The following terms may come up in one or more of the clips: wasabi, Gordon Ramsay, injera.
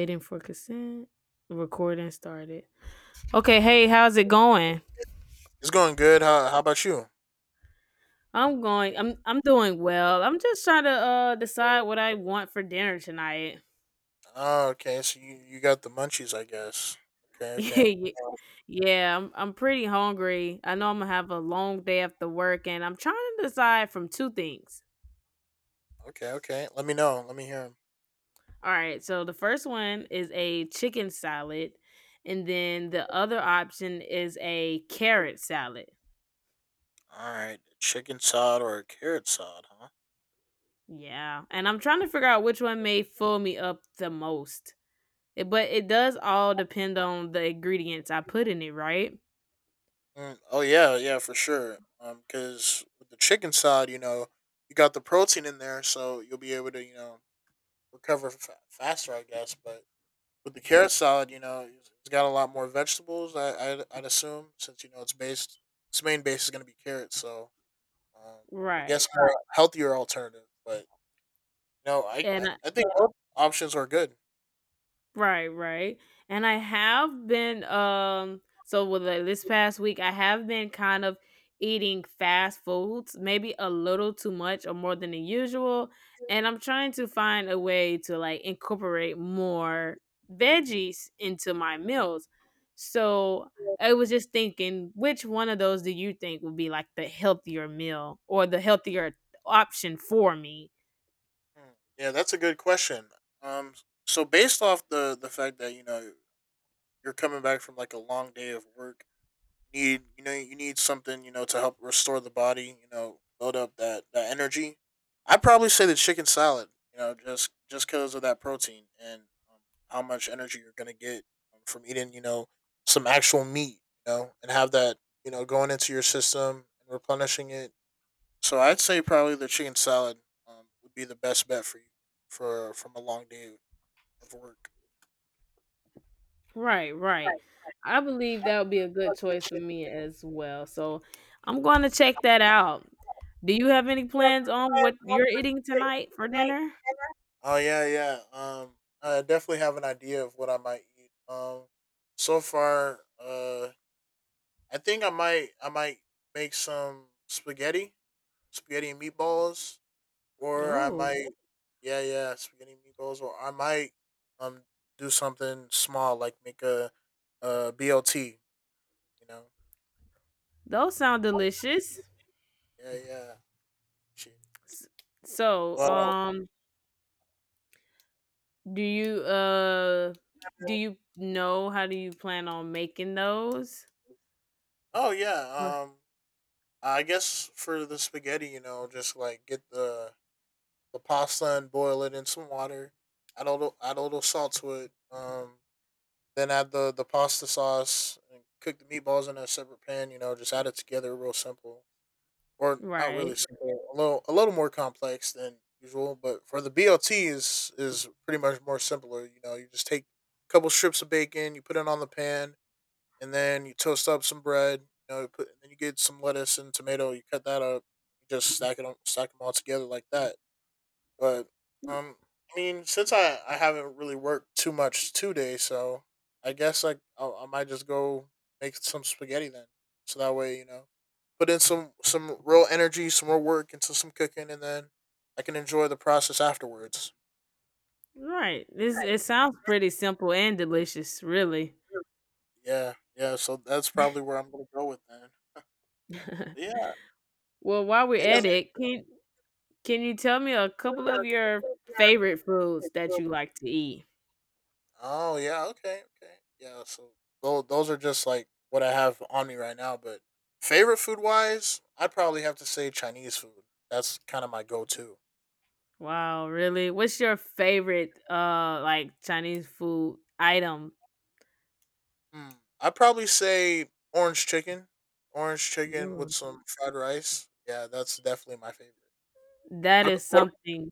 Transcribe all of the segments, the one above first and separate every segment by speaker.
Speaker 1: Waiting for consent. Recording started. Okay, hey, how's it going?
Speaker 2: It's going good. How about you?
Speaker 1: I'm going. I'm doing well. I'm just trying to decide what I want for dinner tonight.
Speaker 2: Oh, okay. So you got the munchies, I guess. Okay, okay,
Speaker 1: Yeah, yeah, I'm pretty hungry. I know I'm gonna have a long day after work, and I'm trying to decide from two things.
Speaker 2: okay, okay. Let me know. Let me hear them.
Speaker 1: All right, so the first one is a chicken salad, and then the other option is a carrot salad.
Speaker 2: All right, chicken sod or a carrot sod, huh?
Speaker 1: Yeah, and I'm trying to figure out which one may fill me up the most. But it does all depend on the ingredients I put in it, right?
Speaker 2: Mm, oh yeah, yeah, for sure. Because with the chicken sod, you know, you got the protein in there, so you'll be able to, you know, recover faster, I guess. But with the carrot salad, you know, it's got a lot more vegetables. I'd assume since you know it's based, its main base is gonna be carrots, so Um, I guess
Speaker 1: Right.
Speaker 2: more healthier alternative, but no, I
Speaker 1: And
Speaker 2: I I think both options are good.
Speaker 1: Right, right. And I have been so with this past week I have been kind of eating fast foods, maybe a little too much or more than the usual, and I'm trying to find a way to like incorporate more veggies into my meals. So, I was just thinking which one of those do you think would be like the healthier meal or the healthier option for me?
Speaker 2: Hmm. Yeah, that's a good question. Um, so based off the fact that you know you're coming back from like a long day of work, need, you know, you need something, you know, to help restore the body, you know, build up that energy, I'd probably say the chicken salad, you know, just because of that protein and um, how much energy you're gonna get from eating, you know, some actual meat, you know, and have that, you know, going into your system and replenishing it. So I'd say probably the chicken salad, would be the best bet for you for from a long day of work.
Speaker 1: Right, right. I believe that would be a good choice for me as well. So I'm going to check that out. Do you have any plans on what you're eating tonight for dinner?
Speaker 2: Oh yeah, yeah. I definitely have an idea of what I might eat. So far, I think I might make some spaghetti, spaghetti and meatballs, or I
Speaker 1: Oh,
Speaker 2: might, yeah, yeah, spaghetti and meatballs, or I might um do something small like make a BLT. You know,
Speaker 1: those sound delicious.
Speaker 2: yeah, yeah. Shit.
Speaker 1: S- So,
Speaker 2: Well,
Speaker 1: do you uh do you know how do you plan on making those?
Speaker 2: oh
Speaker 1: Or-
Speaker 2: yeah. I guess for the spaghetti, you know, just like get the pasta and boil it in some water. Add a little salt to it. Then add the pasta sauce and cook the meatballs in a separate pan. You know, just add it together, real simple, or not really
Speaker 1: Right.
Speaker 2: simple, a little more complex than usual. But for the BLT is pretty much more simpler. You know, you just take a couple strips of bacon, you put it on the pan, and then you toast up some bread. You know, you put, and then you get some lettuce and tomato. You cut that up. You just stack it on, Stack them all together like that, but um, I mean, since I haven't really worked too much today, so I guess like I might just go make some spaghetti then. So that way, you know, put in some real energy, some more work into some cooking, and then I can enjoy the process afterwards.
Speaker 1: Right. This It sounds pretty simple and delicious, really.
Speaker 2: Yeah, yeah. So that's probably where I'm gonna go with then. Yeah,
Speaker 1: Well, while we're
Speaker 2: yeah.
Speaker 1: at it, can you tell me a couple of your favorite foods that you like to eat?
Speaker 2: Oh yeah, okay, okay, yeah. So those are just like what I have on me right now. But favorite food wise, I'd probably have to say Chinese food. That's kind of my go to.
Speaker 1: Wow, really? What's your favorite like Chinese food item?
Speaker 2: Hmm. I'd probably say orange chicken, orange chicken with
Speaker 1: Ooh,
Speaker 2: some fried rice. Yeah, that's definitely my favorite.
Speaker 1: that
Speaker 2: What about,
Speaker 1: is
Speaker 2: what
Speaker 1: something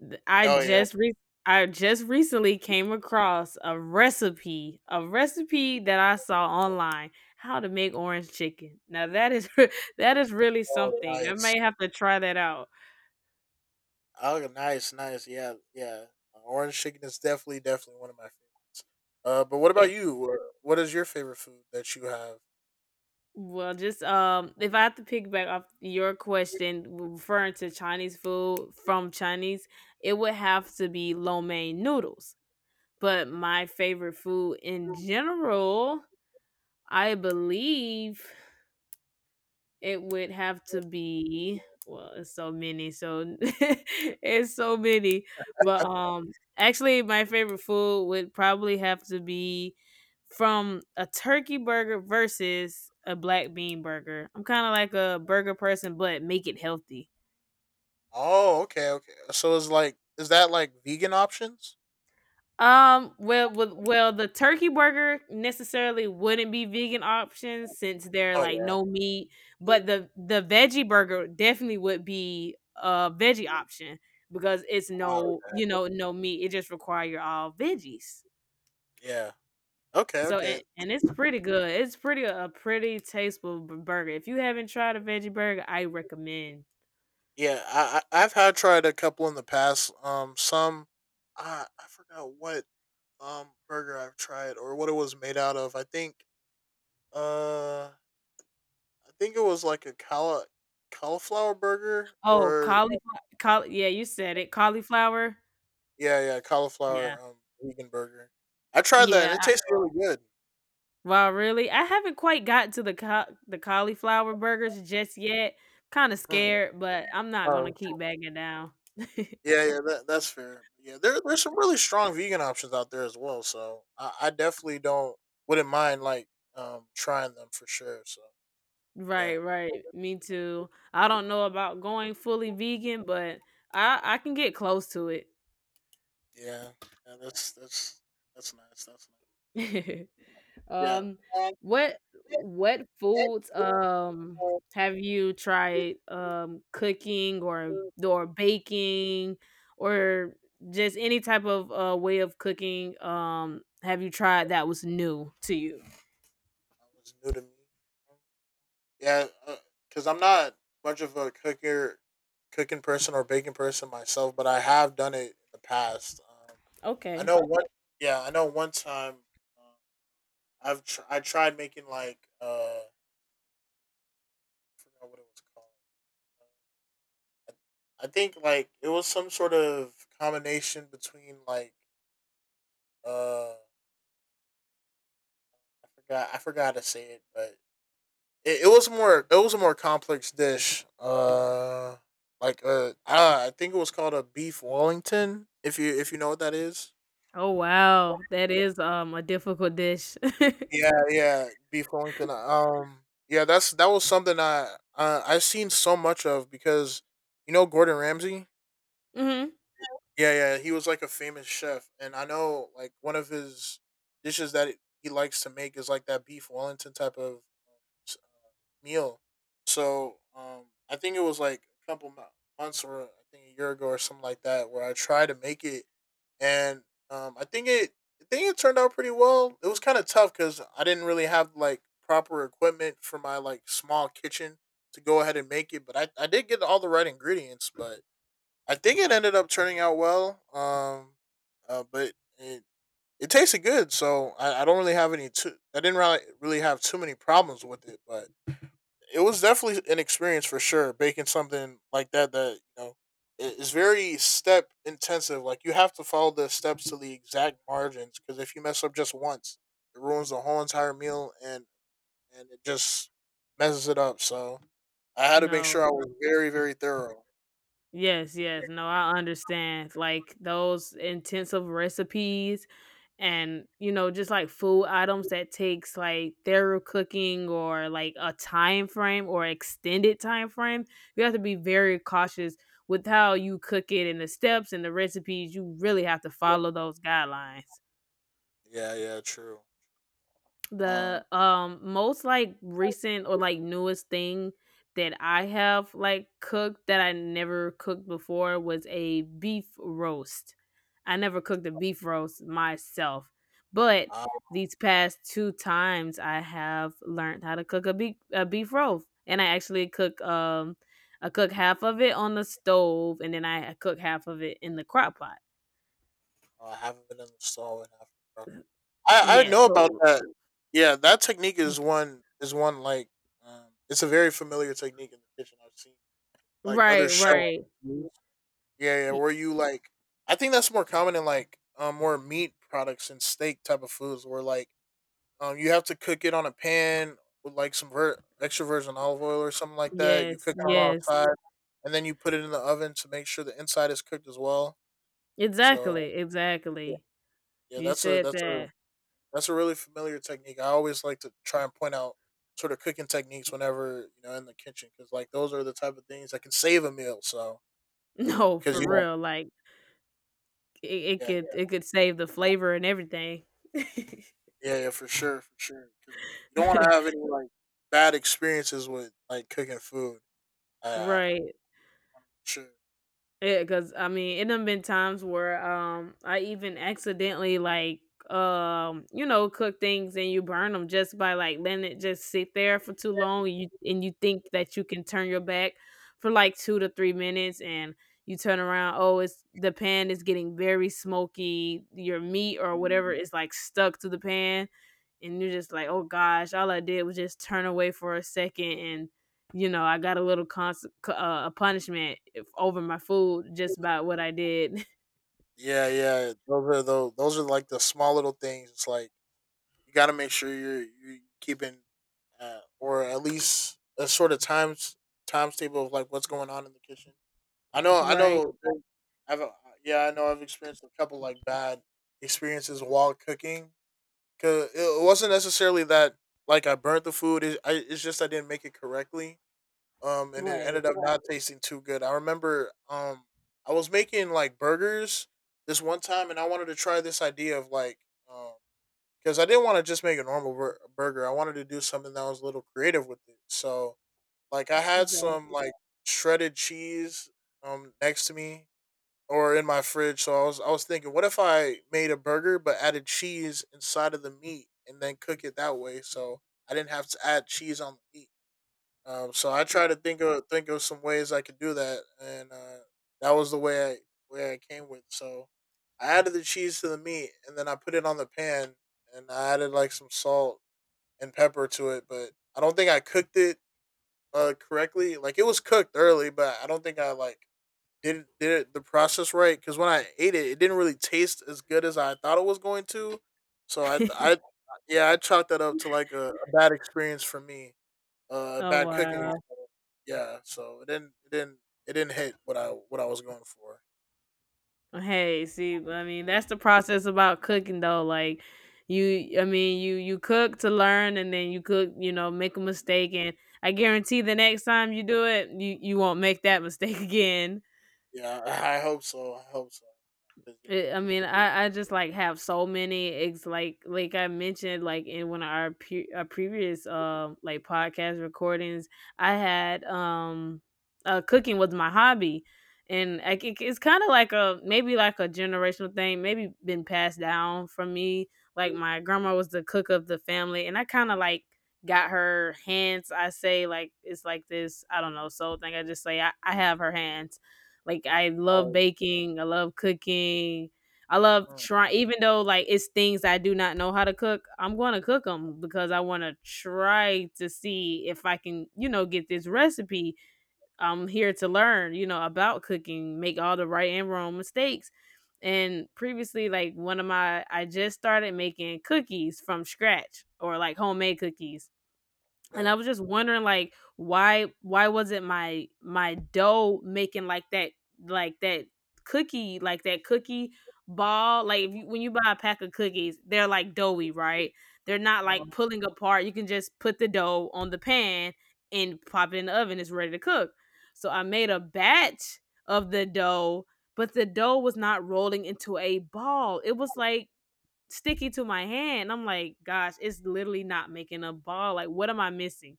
Speaker 1: th- I
Speaker 2: oh yeah,
Speaker 1: just re- I just recently came across a recipe that I saw online, how to make orange chicken. Now that is that is really
Speaker 2: oh
Speaker 1: something. I
Speaker 2: nice,
Speaker 1: may have to try that out.
Speaker 2: oh nice, nice. Yeah, yeah. Orange chicken is definitely one of my favorites. But what
Speaker 1: If
Speaker 2: about you? What is your favorite food that you have?
Speaker 1: Well, just if I have to pick back off your question referring to Chinese food from Chinese, it would have to be lo mein noodles. But my favorite food in general, I believe it would have to be it's so many, so it's so many. But actually my favorite food would probably have to be from a turkey burger versus a black bean burger. I'm kind of like a burger person, but make it healthy.
Speaker 2: Oh, okay, okay. So it's like, is that like vegan options?
Speaker 1: The turkey burger necessarily wouldn't be vegan options since they're
Speaker 2: Oh
Speaker 1: like
Speaker 2: yeah,
Speaker 1: no meat, but the veggie burger definitely would be a veggie option because it's
Speaker 2: wow,
Speaker 1: no, you know, no meat. It just require all veggies.
Speaker 2: yeah. Okay,
Speaker 1: So
Speaker 2: okay.
Speaker 1: and it's pretty good. It's pretty a pretty tasteful burger. If you haven't tried a veggie burger, I recommend.
Speaker 2: Yeah, I've had tried a couple in the past. Some I forgot what burger I've tried or what it was made out of. Uh I think it was like a cala cauliflower burger
Speaker 1: Oh,
Speaker 2: or
Speaker 1: cauliflower! Caul Yeah, you said it, cauliflower?
Speaker 2: yeah yeah
Speaker 1: Yeah.
Speaker 2: cauliflower vegan burger. I tried that
Speaker 1: Yeah,
Speaker 2: and it
Speaker 1: I
Speaker 2: tasted really good.
Speaker 1: wow, really? I haven't quite got to the cau the cauliflower burgers just yet, kinda scared, but I'm not gonna
Speaker 2: Mm.
Speaker 1: keep backing down.
Speaker 2: Yeah, yeah, that's fair. Yeah, there's some really strong vegan options out there as well. So I definitely don't wouldn't mind like trying them for sure. So yeah,
Speaker 1: Right, right. Me too. I don't know about going fully vegan, but I can get close to it.
Speaker 2: yeah, yeah. That's that's nice. That's nice. Yeah,
Speaker 1: um what foods have you tried cooking or baking or just any type of way of cooking have you tried that was new to you?
Speaker 2: that was new to me. Yeah, because I'm not much of a cooker, cooking person or baking person myself, but I have done it in the past. I
Speaker 1: Okay.
Speaker 2: know one. Yeah, I know one time. Um, I tried making like I forgot what it was called. I think like it was some sort of combination between like uh I forgot to say it, but it was a more complex dish. Like I think it was called a beef Wellington, if you know what that is.
Speaker 1: Oh wow, that is a difficult dish.
Speaker 2: Yeah, yeah, beef Wellington. Yeah, that was something I I've seen so much of because you know Gordon Ramsay?
Speaker 1: Mhm.
Speaker 2: Yeah, yeah. He was like a famous chef, and I know like one of his dishes that he likes to make is like that beef Wellington type of s- meal. So I think it was like a couple months or I think a year ago or something like that where I tried to make it, and um, I think it I think it turned out pretty well. It was kind of tough because I didn't really have like proper equipment for my like small kitchen to go ahead and make it, but I did get all the right ingredients, but I think it ended up turning out well. But it it tasted good, so I don't really have any. Too, I didn't really have too many problems with it, but it was definitely an experience for sure. Baking something that you know is very step intensive. Like you have to follow the steps to the exact margins because if you mess up just once, it ruins the whole entire meal and it just messes it up. So I had to make sure
Speaker 1: No.
Speaker 2: I was very thorough.
Speaker 1: Yes, yes. No, I understand. Like those intensive recipes and, you know, just like food items that takes like thorough cooking or like a time frame or extended time frame, you have to be very cautious with how you cook it and the steps and the recipes. You really have to follow those guidelines.
Speaker 2: Yeah, yeah, true. Um,
Speaker 1: The, most, like, recent or, like, newest thing that I have, like, cooked that I never cooked before was a beef roast. I never cooked a beef roast myself, but these past 2 times, I have learned how to cook a beef roast, and I actually cook, I cook half of it on the stove, and then I cook half of it in the crock pot.
Speaker 2: I haven't been in the stall in Africa. I
Speaker 1: Yes,
Speaker 2: know about
Speaker 1: so
Speaker 2: that. Yeah, that technique is one like it's a very familiar technique in the kitchen. I've seen like other
Speaker 1: right,
Speaker 2: chefs.
Speaker 1: right.
Speaker 2: Yeah, yeah.
Speaker 1: Y
Speaker 2: Where you like, I think that's more common in like more meat products and steak type of foods. Where like you have to cook it on a pan with like some extra virgin olive oil or something like that. You
Speaker 1: Yes,
Speaker 2: cook it on
Speaker 1: yes.
Speaker 2: outside, and then you put it in the oven to make sure the inside is cooked as well. So
Speaker 1: Exactly,
Speaker 2: yeah,
Speaker 1: exactly.
Speaker 2: yeah
Speaker 1: You
Speaker 2: that's a
Speaker 1: said
Speaker 2: that's a
Speaker 1: that.
Speaker 2: that's a really familiar technique. I always like to try and point out sort of cooking techniques whenever you know in the kitchen because like those are the type of things that can save a meal. So because you know,
Speaker 1: No,
Speaker 2: 'cause
Speaker 1: for
Speaker 2: know,
Speaker 1: real, like,
Speaker 2: yeah,
Speaker 1: it could save the flavor and everything.
Speaker 2: yeah, yeah, for sure, for sure. Because you know you don't want to have any like bad experiences with like cooking food. I, I I wanna
Speaker 1: Right.
Speaker 2: make sure.
Speaker 1: Yeah, cause I mean, it done been times where I even accidentally like you know cook things and you burn them just by like letting it just sit there for too long. You think that you can turn your back for like 2 to 3 minutes, and you turn around. Oh, it's the pan is getting very smoky. Your meat or whatever is like stuck to the pan, and you're just like, oh gosh, all I did was just turn away for a second, and you know, I got a little a punishment over my food just by what I did.
Speaker 2: Yeah, yeah. Those are those. Those are like the small little things. It's like you got to make sure you're you keeping, or at least a sort of times table of like what's going on in the kitchen. I know, I
Speaker 1: Right.
Speaker 2: know. I've yeah, I know. I've experienced a couple like bad experiences while cooking. Cause it wasn't necessarily that like I burnt the food. It's just I didn't make it correctly. And it
Speaker 1: Right.
Speaker 2: ended up not tasting too good. I remember, I was making like burgers this one time, and I wanted to try this idea of like, um, because I didn't want to just make a normal burger. I wanted to do something that was a little creative with it. So like, I had some
Speaker 1: Exactly.
Speaker 2: like shredded cheese next to me or in my fridge. So I was thinking, what if I made a burger but added cheese inside of the meat and then cook it that way? So I didn't have to add cheese on the meat. So I tried to think of some ways I could do that, and that was the way I came with. So I added the cheese to the meat, and then I put it on the pan, and I added like some salt and pepper to it. But I don't think I cooked it correctly. Like it was cooked early, but I don't think I like did the process right because when I ate it, it didn't really taste as good as I thought it was going to. So I yeah, I chalked that up to like a bad experience for me, a
Speaker 1: Oh
Speaker 2: bad cooking.
Speaker 1: wow.
Speaker 2: Yeah, so it didn't it didn't hit what I was going for.
Speaker 1: Hey, see, I mean, that's the process about cooking though. Like I mean, you cook to learn, and then you cook, you know, make a mistake, and I guarantee the next time you do it, you won't make that mistake again.
Speaker 2: Yeah, I hope so. I hope so. 'Cause, you know,
Speaker 1: It I mean, I just, like, have so many ex like I mentioned, like, in one of our pre our previous, like, podcast recordings, I had, cooking was my hobby, and I c it's kinda like a maybe like a generational thing, maybe been passed down from me, like, my grandma was the cook of the family, and I kinda, like, got her hands, I say, like it's like this, I don't know, soul thing, I just say I have her hands. Like I love
Speaker 2: oh,
Speaker 1: baking, I love cooking. I love
Speaker 2: mm,
Speaker 1: trying even though like it's things I do not know how to cook, I'm going to cook them because I want to try to see if I can, you know, get this recipe. I'm here to learn, you know, about cooking, make all the right and wrong mistakes. And previously like one of my I just started making cookies from scratch or like homemade cookies and I
Speaker 2: yeah,
Speaker 1: was just wondering like why wasn't my my dough making like like that that cookie ball like if you when you buy a pack of cookies, they're like doughy, right? They're not like
Speaker 2: mhm,
Speaker 1: pulling apart. You can just put the dough on the pan and pop it in the oven, it's ready to cook. So I made a batch of the dough, but the dough was not rolling into a ball. It was like sticky to my hand. I'm like, gosh, it's literally not making a ball. Like, what am I missing?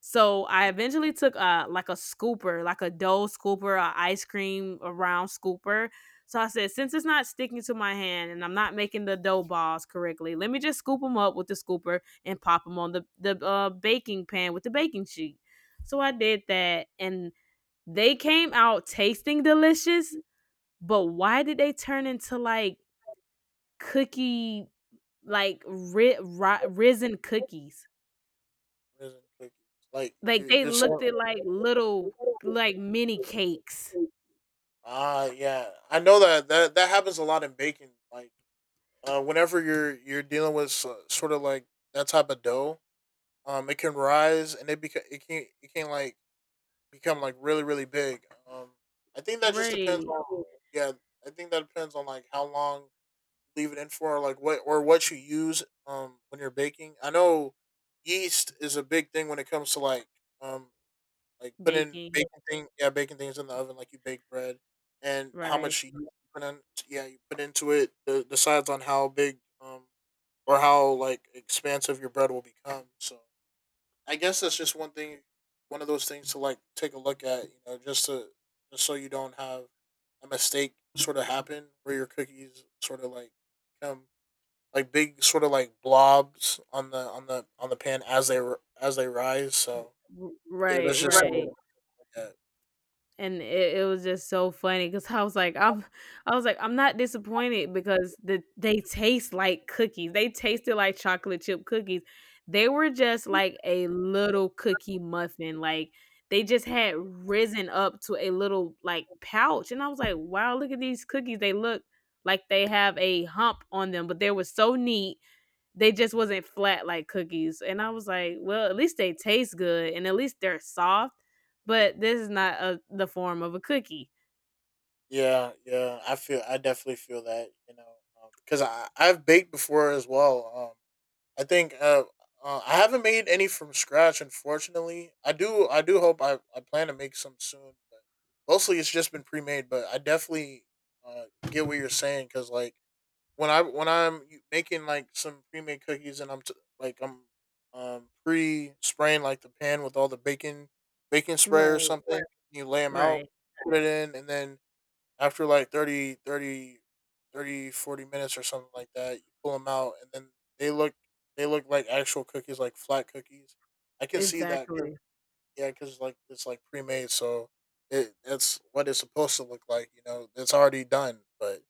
Speaker 1: So I eventually took a like a scooper, like a dough scooper, a ice cream a round scooper. So I said, since it's not sticking to my hand and I'm not making the dough balls correctly, let me just scoop them up with the scooper and pop them on the baking pan with the baking sheet. So I did that, and they came out tasting delicious. But why did they turn into like cookie, like ri- ri- risen cookies?
Speaker 2: raisin cookies. Like
Speaker 1: Like,
Speaker 2: you,
Speaker 1: they
Speaker 2: you're
Speaker 1: looked
Speaker 2: saying,
Speaker 1: at, like, little, like, mini cakes.
Speaker 2: ah, yeah. I know that happens a lot in baking. Like whenever you're dealing with sort of like that type of dough, it can rise and it can like become like really big. Um, I think that just depends
Speaker 1: Right.
Speaker 2: on, yeah. I think that depends on like how long you leave it in for, like what or what you use when you're baking. I know yeast is a big thing when it comes to um like putting
Speaker 1: Baking.
Speaker 2: baking thing yeah, baking things in the oven, like you bake bread and how
Speaker 1: Right.
Speaker 2: much yeast you put in yeah, you put into it, decides on how big or how like expansive your bread will become. So I guess that's just one thing, one of those things to like take a look at. You know, just to just so you don't have a mistake sort of happen where your cookies sort of like become like big sort of like blobs on the on the pan as as they rise. So
Speaker 1: R
Speaker 2: yeah,
Speaker 1: Right,
Speaker 2: that's just something to,
Speaker 1: right.
Speaker 2: right, look at.
Speaker 1: And it was just so funny because I was like, I'm not disappointed because the they taste like cookies. They tasted like chocolate chip cookies. They were just like a little cookie muffin. Like they just had risen up to a little like pouch, and I was like, wow, look at these cookies. They look like they have a hump on them, but they were so neat they just wasn't flat like cookies. And I was like, well, at least they taste good and at least they're soft, but this is not a, the form of a cookie.
Speaker 2: Yeah, yeah, I feel, I definitely feel that, you know, because I've baked before as well. I think I haven't made any from scratch, unfortunately. I do hope I plan to make some soon, but mostly it's just been pre made. But I definitely uh, get what you're saying because like when I when I'm making like some pre made cookies and like I'm pre spraying like the pan with all the bacon spray or
Speaker 1: Right,
Speaker 2: something, you lay them out,
Speaker 1: right.
Speaker 2: put it in, and then after like 30, 30, 30, 40 minutes or something like that, you pull them out and then they look they look like actual cookies, like flat cookies. I can see that, 'cause,
Speaker 1: Exactly.
Speaker 2: yeah, because like it's like pre made, so it's what it's supposed to look like. You know, it's already done, but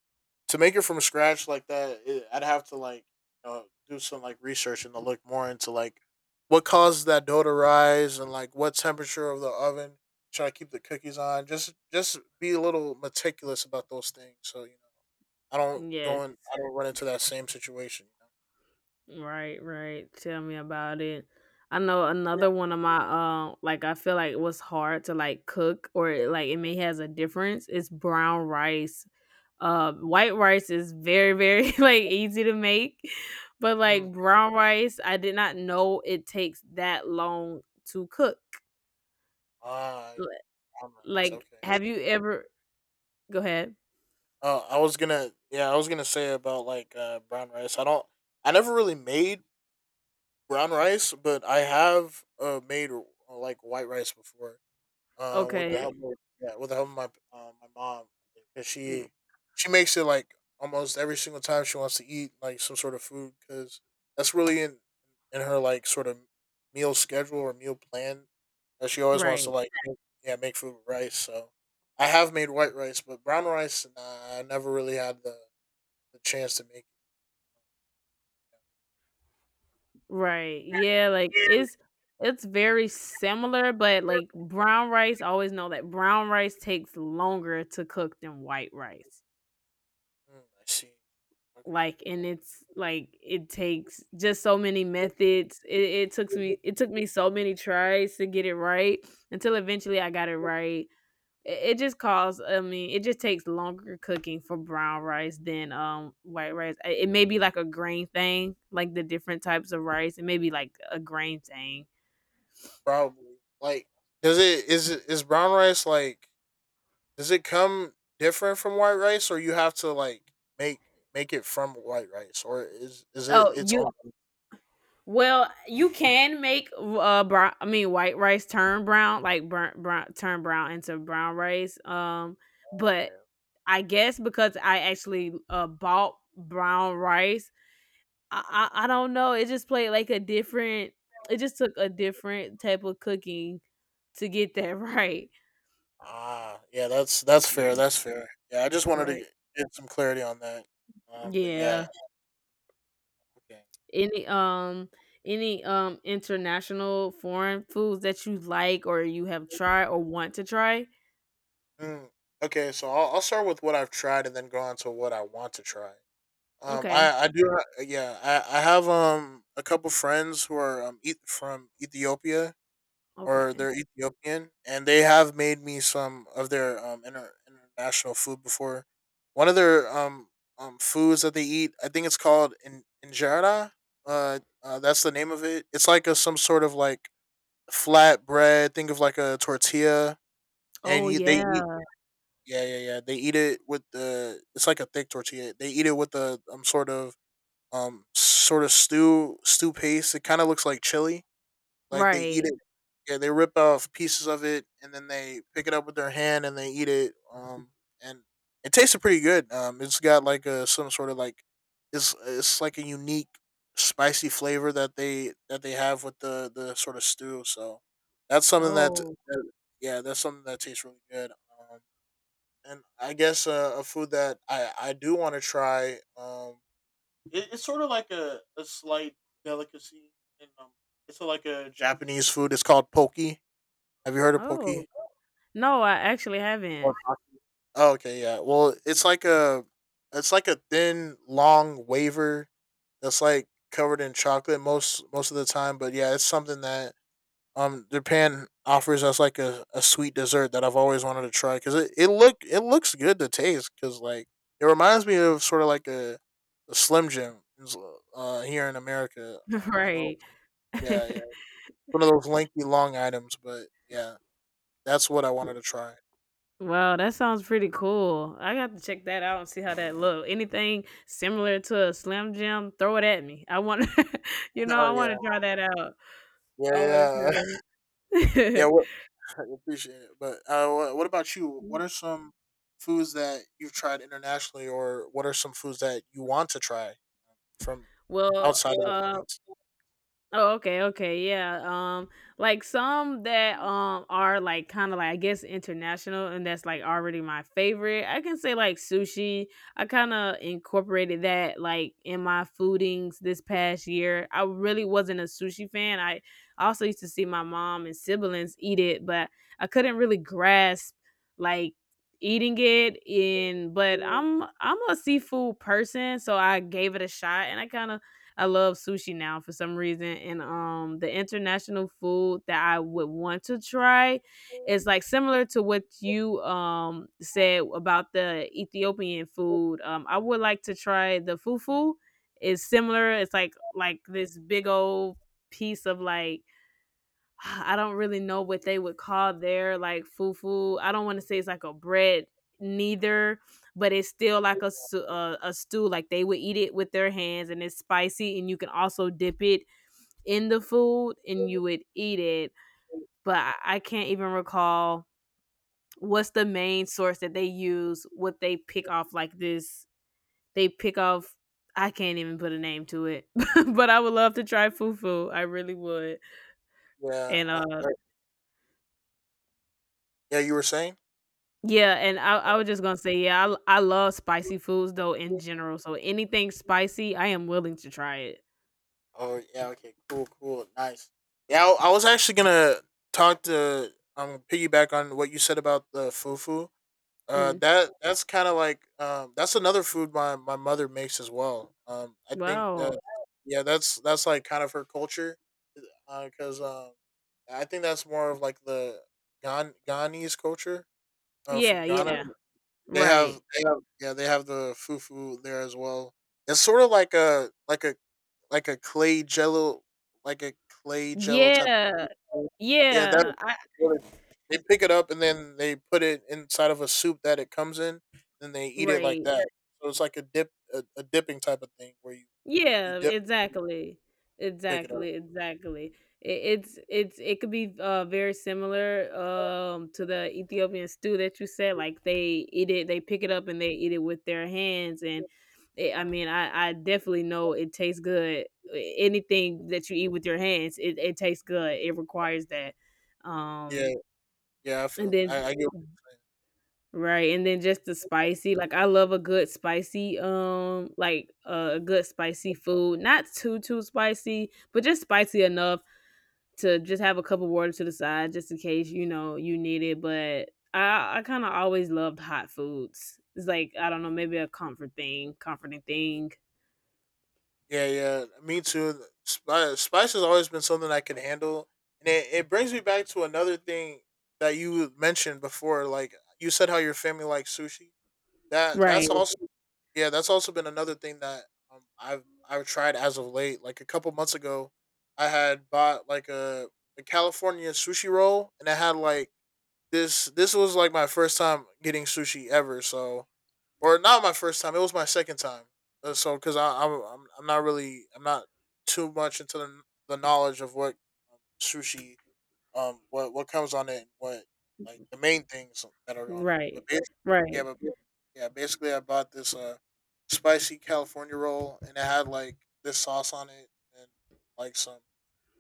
Speaker 2: to make it from scratch like that, it, I'd have to like, you know, do some like research and to look more into like what causes that dough to rise and like what temperature of the oven should I keep the cookies on. Just be a little meticulous about those things, so you know I don't
Speaker 1: Yes.
Speaker 2: go in, I don't run into that same situation.
Speaker 1: Right, right. Tell me about it. I know another one of my like I feel like it was hard to like cook or like it may has a difference. It's brown rice. White rice is very, very like easy to make, but
Speaker 2: You know,
Speaker 1: like
Speaker 2: mm.
Speaker 1: brown rice, I did not know it takes that long to cook.
Speaker 2: Ah,
Speaker 1: L-
Speaker 2: brown rice,
Speaker 1: Like,
Speaker 2: okay.
Speaker 1: have you ever? Go ahead.
Speaker 2: Oh, I was gonna, yeah, I was gonna say about like brown rice. I never really made brown rice, but I have made like white rice before. With the help
Speaker 1: Okay.
Speaker 2: of, yeah, with the help of my my mom. 'Cause
Speaker 1: r-
Speaker 2: she makes it like almost every single time she wants to eat like some sort of food because that's really in her like sort of meal schedule or meal plan that she always wants to
Speaker 1: Right.
Speaker 2: like make, yeah, make food with rice. So I have made white rice, but brown rice, nah, I never really had the chance to make it.
Speaker 1: Right. Yeah. Like it's very similar, but like brown rice, I always know that brown rice takes longer to cook than white rice.
Speaker 2: Mm, I see. Okay.
Speaker 1: Like and it takes just so many methods it took me so many tries to get it right until eventually I got it right. It just calls I mean it just takes longer cooking for brown rice than white rice. It may be like a grain thing like the different types of rice. It may be like a grain thing.
Speaker 2: Probably. Like, does it is it, is brown rice like? Does it come different from white rice, or you have to like make make it from white rice, or is it
Speaker 1: Oh
Speaker 2: its
Speaker 1: you
Speaker 2: own?
Speaker 1: Well, you can make brown. I mean, white rice turn brown, like burnt brown, turn brown into brown rice. But I guess because I actually bought brown rice, I don't know. It just played like a different. It just took a different type of cooking to get that right.
Speaker 2: Ah, yeah, that's fair.
Speaker 1: Mm.
Speaker 2: That's fair. Yeah, I just wanted to
Speaker 1: Right.
Speaker 2: get some clarity on that. But yeah,
Speaker 1: Yeah.
Speaker 2: okay.
Speaker 1: Any um any international foreign foods that you like or you have tried or want to try?
Speaker 2: Hmm, okay. So I'll start with what I've tried, and then go on to what I want to try. Um,
Speaker 1: Okay.
Speaker 2: I I do ha- yeah, I have a couple friends who are from Ethiopia, or
Speaker 1: Okay.
Speaker 2: they're Ethiopian, and they have made me some of their international food before. One of their foods that they eat, I think it's called injera. That's the name of it. It's like a some sort of like flat bread. Think of like a tortilla, and
Speaker 1: Oh,
Speaker 2: you, they eat.
Speaker 1: yeah.
Speaker 2: Yeah, yeah, yeah. They eat it with the. It's like a thick tortilla. They eat it with a sort of stew paste. It kind of looks like chili, like they eat
Speaker 1: Right.
Speaker 2: it. Yeah, they rip off pieces of it and then they pick it up with their hand and they eat it. And it tasted pretty good. It's got like a some sort of like it's like a unique spicy flavor that they have with the sort of stew. So that's something that,
Speaker 1: Oh.
Speaker 2: that, yeah, that's something that tastes really good. And I guess a food that I do want to try. It's sort of like a slight delicacy, and it's like a Japanese food. It's called poke. Have you heard of poke?
Speaker 1: Oh. No, I actually
Speaker 2: Or,
Speaker 1: haven't.
Speaker 2: oh, okay, yeah. Well, it's like a, it's like a thin, long wafer that's like covered in chocolate most of the time. But yeah, it's something that Japan offers us like a sweet dessert that I've always wanted to try because it looks good to taste because like it reminds me of sort of like a Slim Jim is, here in America. I know,
Speaker 1: Right.
Speaker 2: yeah, yeah. One of those lengthy, long items, but yeah, that's what I wanted to try.
Speaker 1: Wow, that sounds pretty cool. I got to check that out and see how that look. Anything similar to a Slim Jim, throw it at me. I want, I
Speaker 2: Oh yeah,
Speaker 1: want to try that out.
Speaker 2: yeah,
Speaker 1: I want
Speaker 2: yeah,
Speaker 1: to try
Speaker 2: yeah.
Speaker 1: that.
Speaker 2: What, I appreciate it. But what about you? What are some foods that you've tried internationally, or what are some foods that you want to try from
Speaker 1: Well,
Speaker 2: outside of the
Speaker 1: um
Speaker 2: states?
Speaker 1: Oh, okay, okay, yeah. Like some that are like kind of like I guess international, and that's like already my favorite. I can say like sushi. I kind of incorporated that like in my foodings this past year. I really wasn't a sushi fan. I also used to see my mom and siblings eat it, but I couldn't really grasp like eating it in, but I'm a seafood person, so I gave it a shot and I kind of I love sushi now for some reason. And the international food that I would want to try is like similar to what you said about the Ethiopian food. I would like to try the fufu. It's similar. It's like this big old piece of like I don't really know what they would call their like fufu. I don't want to say it's like a bread neither, but it's still like a, a stew. Like they would eat it with their hands, and it's spicy, and you can also dip it in the food, and you would eat it. But I can't even recall what's the main source that they use. What they pick off like this, they pick off. I can't even put a name to it, but I would love to try fufu. I really would.
Speaker 2: Yeah,
Speaker 1: And
Speaker 2: I, I, yeah. You were saying?
Speaker 1: yeah, and I was just gonna say, yeah, I love spicy foods though in general. So anything spicy, I am willing to try it.
Speaker 2: Oh yeah. Okay. Cool. Cool. Nice. Yeah, I was actually gonna talk to um, piggyback on what you said about the fufu.
Speaker 1: Mm.
Speaker 2: That that's kind of like that's another food my, my mother makes as well. I think
Speaker 1: Wow.
Speaker 2: that, yeah, that's like kind of her culture. Because I think that's more of like the Ghanese culture
Speaker 1: Yeah,
Speaker 2: from Ghana.
Speaker 1: yeah.
Speaker 2: They have,
Speaker 1: Right.
Speaker 2: they have, yeah, they have the fufu there as well. It's sort of like a, like a, like a clay jello, like a clay jello type.
Speaker 1: Yeah.
Speaker 2: Yeah, that,
Speaker 1: Yeah. I
Speaker 2: they pick it up and then they put it inside of a soup that it comes in, and they eat it like,
Speaker 1: right.
Speaker 2: yeah, that. So it's like a dip, a dipping type of thing where you
Speaker 1: Yeah,
Speaker 2: dip and
Speaker 1: exactly.
Speaker 2: pick it up.
Speaker 1: Exactly, exactly. It it could be very similar to the Ethiopian stew that you said. Like they eat it, they pick it up and they eat it with their hands. And it, I
Speaker 2: Mm.
Speaker 1: mean, I definitely know it tastes good. Anything that you eat with your hands, it tastes good. It requires that.
Speaker 2: Yeah,
Speaker 1: Um,
Speaker 2: yeah, I
Speaker 1: and
Speaker 2: feel that.
Speaker 1: then
Speaker 2: I get what you're saying.
Speaker 1: right, and then just the spicy, like, I love a good spicy, like, a good spicy food, not too, too spicy, but just spicy enough to just have a cup of water to the side just in case, you know, you need it, but I kinda always loved hot foods. It's like, I don't know, maybe a comforting thing.
Speaker 2: Yeah, yeah, me too. Spice, spice has always been something I can handle, and it brings me back to another thing that you mentioned before. Like you said, how your family likes sushi. That
Speaker 1: Right,
Speaker 2: that's also, yeah, that's also been another thing that I've tried as of late. Like a couple months ago, I had bought like a California sushi roll, and I had like this. This was like my first time getting sushi ever. So, or not my first time. It was my second time. So, because I'm not really, I'm not too much into the knowledge of what sushi, what comes on it, and what like the main things that are on it.
Speaker 1: right,
Speaker 2: But basically, yeah,
Speaker 1: right.
Speaker 2: but yeah, basically, I bought this spicy California roll, and it had like this sauce on it, and like some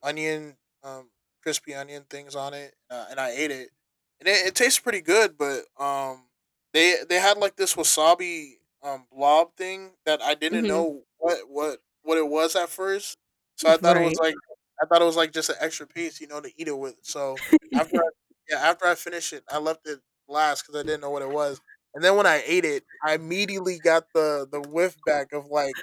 Speaker 2: onion, um, crispy onion things on it, and I ate it, and it tastes pretty good. But they had like this wasabi blob thing that I didn't
Speaker 1: Mhm.
Speaker 2: know what it was at first, so I thought it was
Speaker 1: Right.
Speaker 2: like, I thought it was like just an extra piece, you know, to eat it with. So after I, yeah, after I finished it, I left it last because I didn't know what it was, and then when I ate it, I immediately got the whiff back of like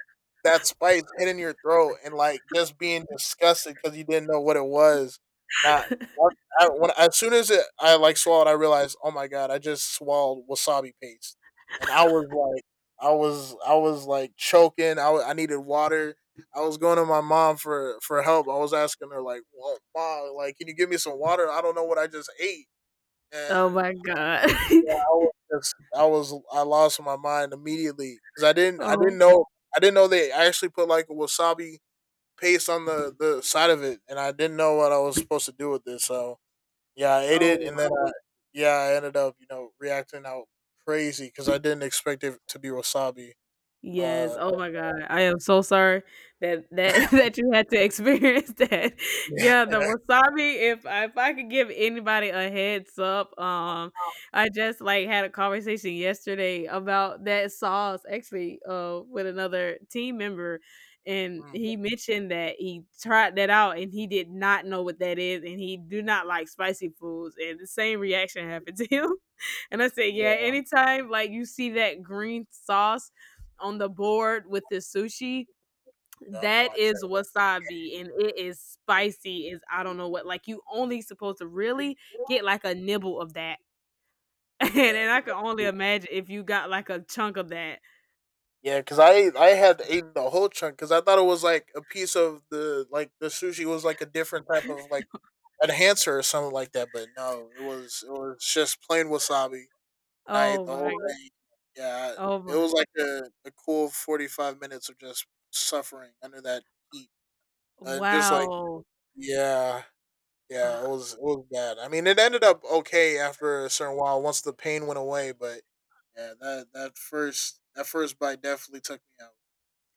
Speaker 2: that spice hitting your throat and, like, just being disgusted because you didn't know what it was. That what I, when as soon as it I, like, swallowed, I realized, "Oh my god, I just swallowed wasabi paste." And I was like, I was, like, choking, I needed water. I was going to my mom for help. I was asking her like, "Well, mom, like, can you give me some water? I don't know what I just ate." And
Speaker 1: Oh my god.
Speaker 2: it's, I lost my mind immediately because I
Speaker 1: Oh.
Speaker 2: didn't know, I didn't know they actually put, like, a wasabi paste on the side of it, and I didn't know what I was supposed to do with this. So yeah, I ate it,
Speaker 1: Oh.
Speaker 2: and then yeah, I ended up, you know, reacting out crazy because I didn't expect it to be wasabi.
Speaker 1: Yes,
Speaker 2: Uh,
Speaker 1: oh my god. I am so sorry that that that you had to experience that.
Speaker 2: yeah,
Speaker 1: Yeah, the wasabi, if I could give anybody a heads up, I just like had a conversation yesterday about that sauce actually with another team member, and
Speaker 2: mm,
Speaker 1: he mentioned that he tried that out and he did not know what that is and he do not like spicy foods and the same reaction happened to him. And I said, yeah,
Speaker 2: yeah,
Speaker 1: anytime like you see that green sauce on the board with this sushi,
Speaker 2: gotta
Speaker 1: that
Speaker 2: watch
Speaker 1: is
Speaker 2: it.
Speaker 1: wasabi and it is spicy is I don't know what. Like you only supposed to really get like a nibble of that. And
Speaker 2: Yeah,
Speaker 1: then I can only imagine if you got like a chunk of that.
Speaker 2: yeah, because I had eaten the whole chunk because I thought it was like a piece of the, like the sushi was like a different type of like enhancer or something like that, but no, it was, it was just plain wasabi. And I ate
Speaker 1: Oh
Speaker 2: the whole
Speaker 1: my.
Speaker 2: thing. Yeah,
Speaker 1: Oh
Speaker 2: it
Speaker 1: my.
Speaker 2: was like a cool 45 minutes of just suffering under that heat, and just like,
Speaker 1: Wow.
Speaker 2: yeah, yeah, it was, it was bad. I mean, it ended up okay after a certain while once the pain went away, but yeah, that that first, that first bite definitely took me out.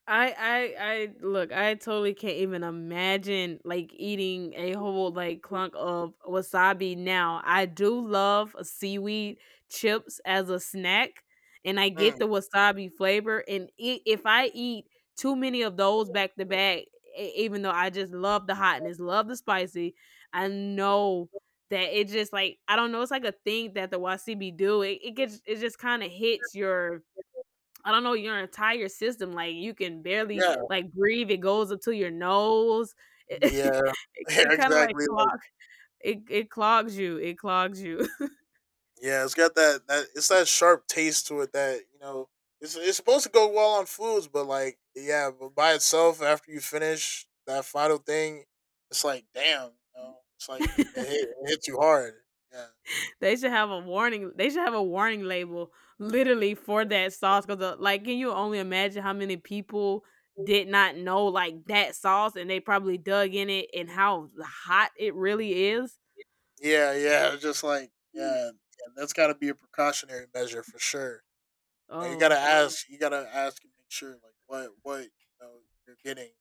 Speaker 1: I look, I totally can't even imagine like eating a whole like clunk of wasabi now. I do love seaweed chips as a snack and I get
Speaker 2: Mm,
Speaker 1: the wasabi flavor, and I if I eat too many of those back to back, even though I just love the hotness, love the spicy, I know that it just like I don't know, it's like a thing that the wasabi do. It gets it just kind of hits your I don't know, your entire system, like, you can barely,
Speaker 2: yeah,
Speaker 1: like, breathe, it goes up to your nose.
Speaker 2: yeah,
Speaker 1: It
Speaker 2: yeah,
Speaker 1: it kinda, like,
Speaker 2: exactly, like,
Speaker 1: clog it clogs you, it clogs you.
Speaker 2: yeah, it's got that that, it's that sharp taste to it that, you know, it's supposed to go well on foods, but like yeah, but by itself after you finish that final thing, it's like damn, you know, it's like it, hit, it hits you hard. Yeah,
Speaker 1: They should have a warning. They should have a warning label literally for that sauce because, like, can you only imagine how many people did not know like that sauce and they probably dug in it and how hot it really is?
Speaker 2: yeah, yeah, it's just like, yeah, yeah, that's got to be a precautionary measure for sure. You know,
Speaker 1: Oh,
Speaker 2: you gotta ask and make sure like what you know, you're getting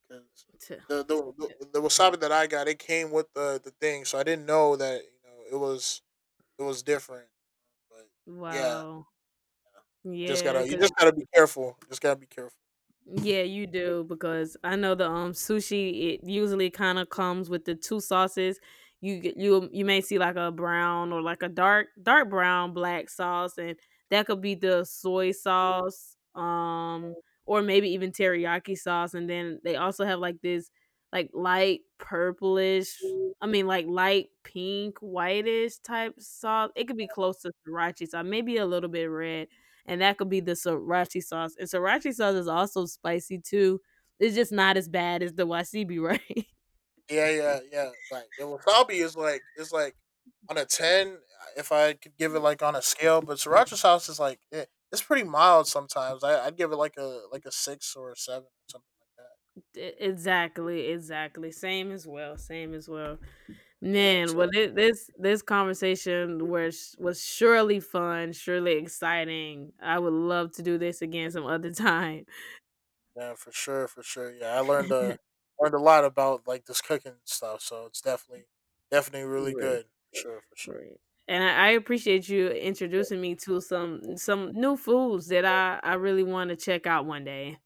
Speaker 2: because
Speaker 1: t-
Speaker 2: the,
Speaker 1: t-
Speaker 2: the wasabi that I got, it came with the thing, so I didn't know that you know it was, it was different. But yeah,
Speaker 1: wow. Yeah,
Speaker 2: you
Speaker 1: because
Speaker 2: just gotta be careful. Just gotta be careful.
Speaker 1: yeah, you do, because I know the sushi it usually kind of comes with the two sauces. You get you you may see like a brown or like a dark brown black sauce, and that could be the soy sauce, or maybe even teriyaki sauce, and then they also have like this like light purplish, I mean like light pink whitish type sauce. It could be close to sriracha sauce, maybe a little bit red, and that could be the sriracha sauce. And sriracha sauce is also spicy too. It's just not as bad as the wasabi, right?
Speaker 2: Yeah, yeah, yeah. Like the wasabi is like, it's like on a ten if I could give it like on a scale, but sriracha sauce is like, it, it's pretty mild sometimes. I I'd give it like a, like a six or a seven or something like
Speaker 1: Exactly, exactly. Same as well. Same as well.
Speaker 2: that. Yeah,
Speaker 1: Man,
Speaker 2: so
Speaker 1: well, this this conversation was surely fun, surely exciting. I would love to do this again some other time.
Speaker 2: yeah, for sure, for sure. Yeah, I learned a, learned a lot about like this cooking stuff, so it's definitely, definitely really
Speaker 1: Right,
Speaker 2: good. For sure, for sure.
Speaker 1: right. And I appreciate you introducing me to some new foods that I really want to check out one day.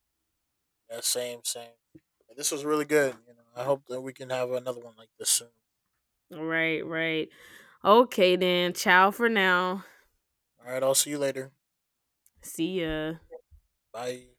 Speaker 2: Yeah, same, same. Yeah, this was really good. You know, I hope that we can have another one like this soon.
Speaker 1: Right, right. Okay then. Ciao for now.
Speaker 2: All right, I'll see you later.
Speaker 1: See ya.
Speaker 2: Bye.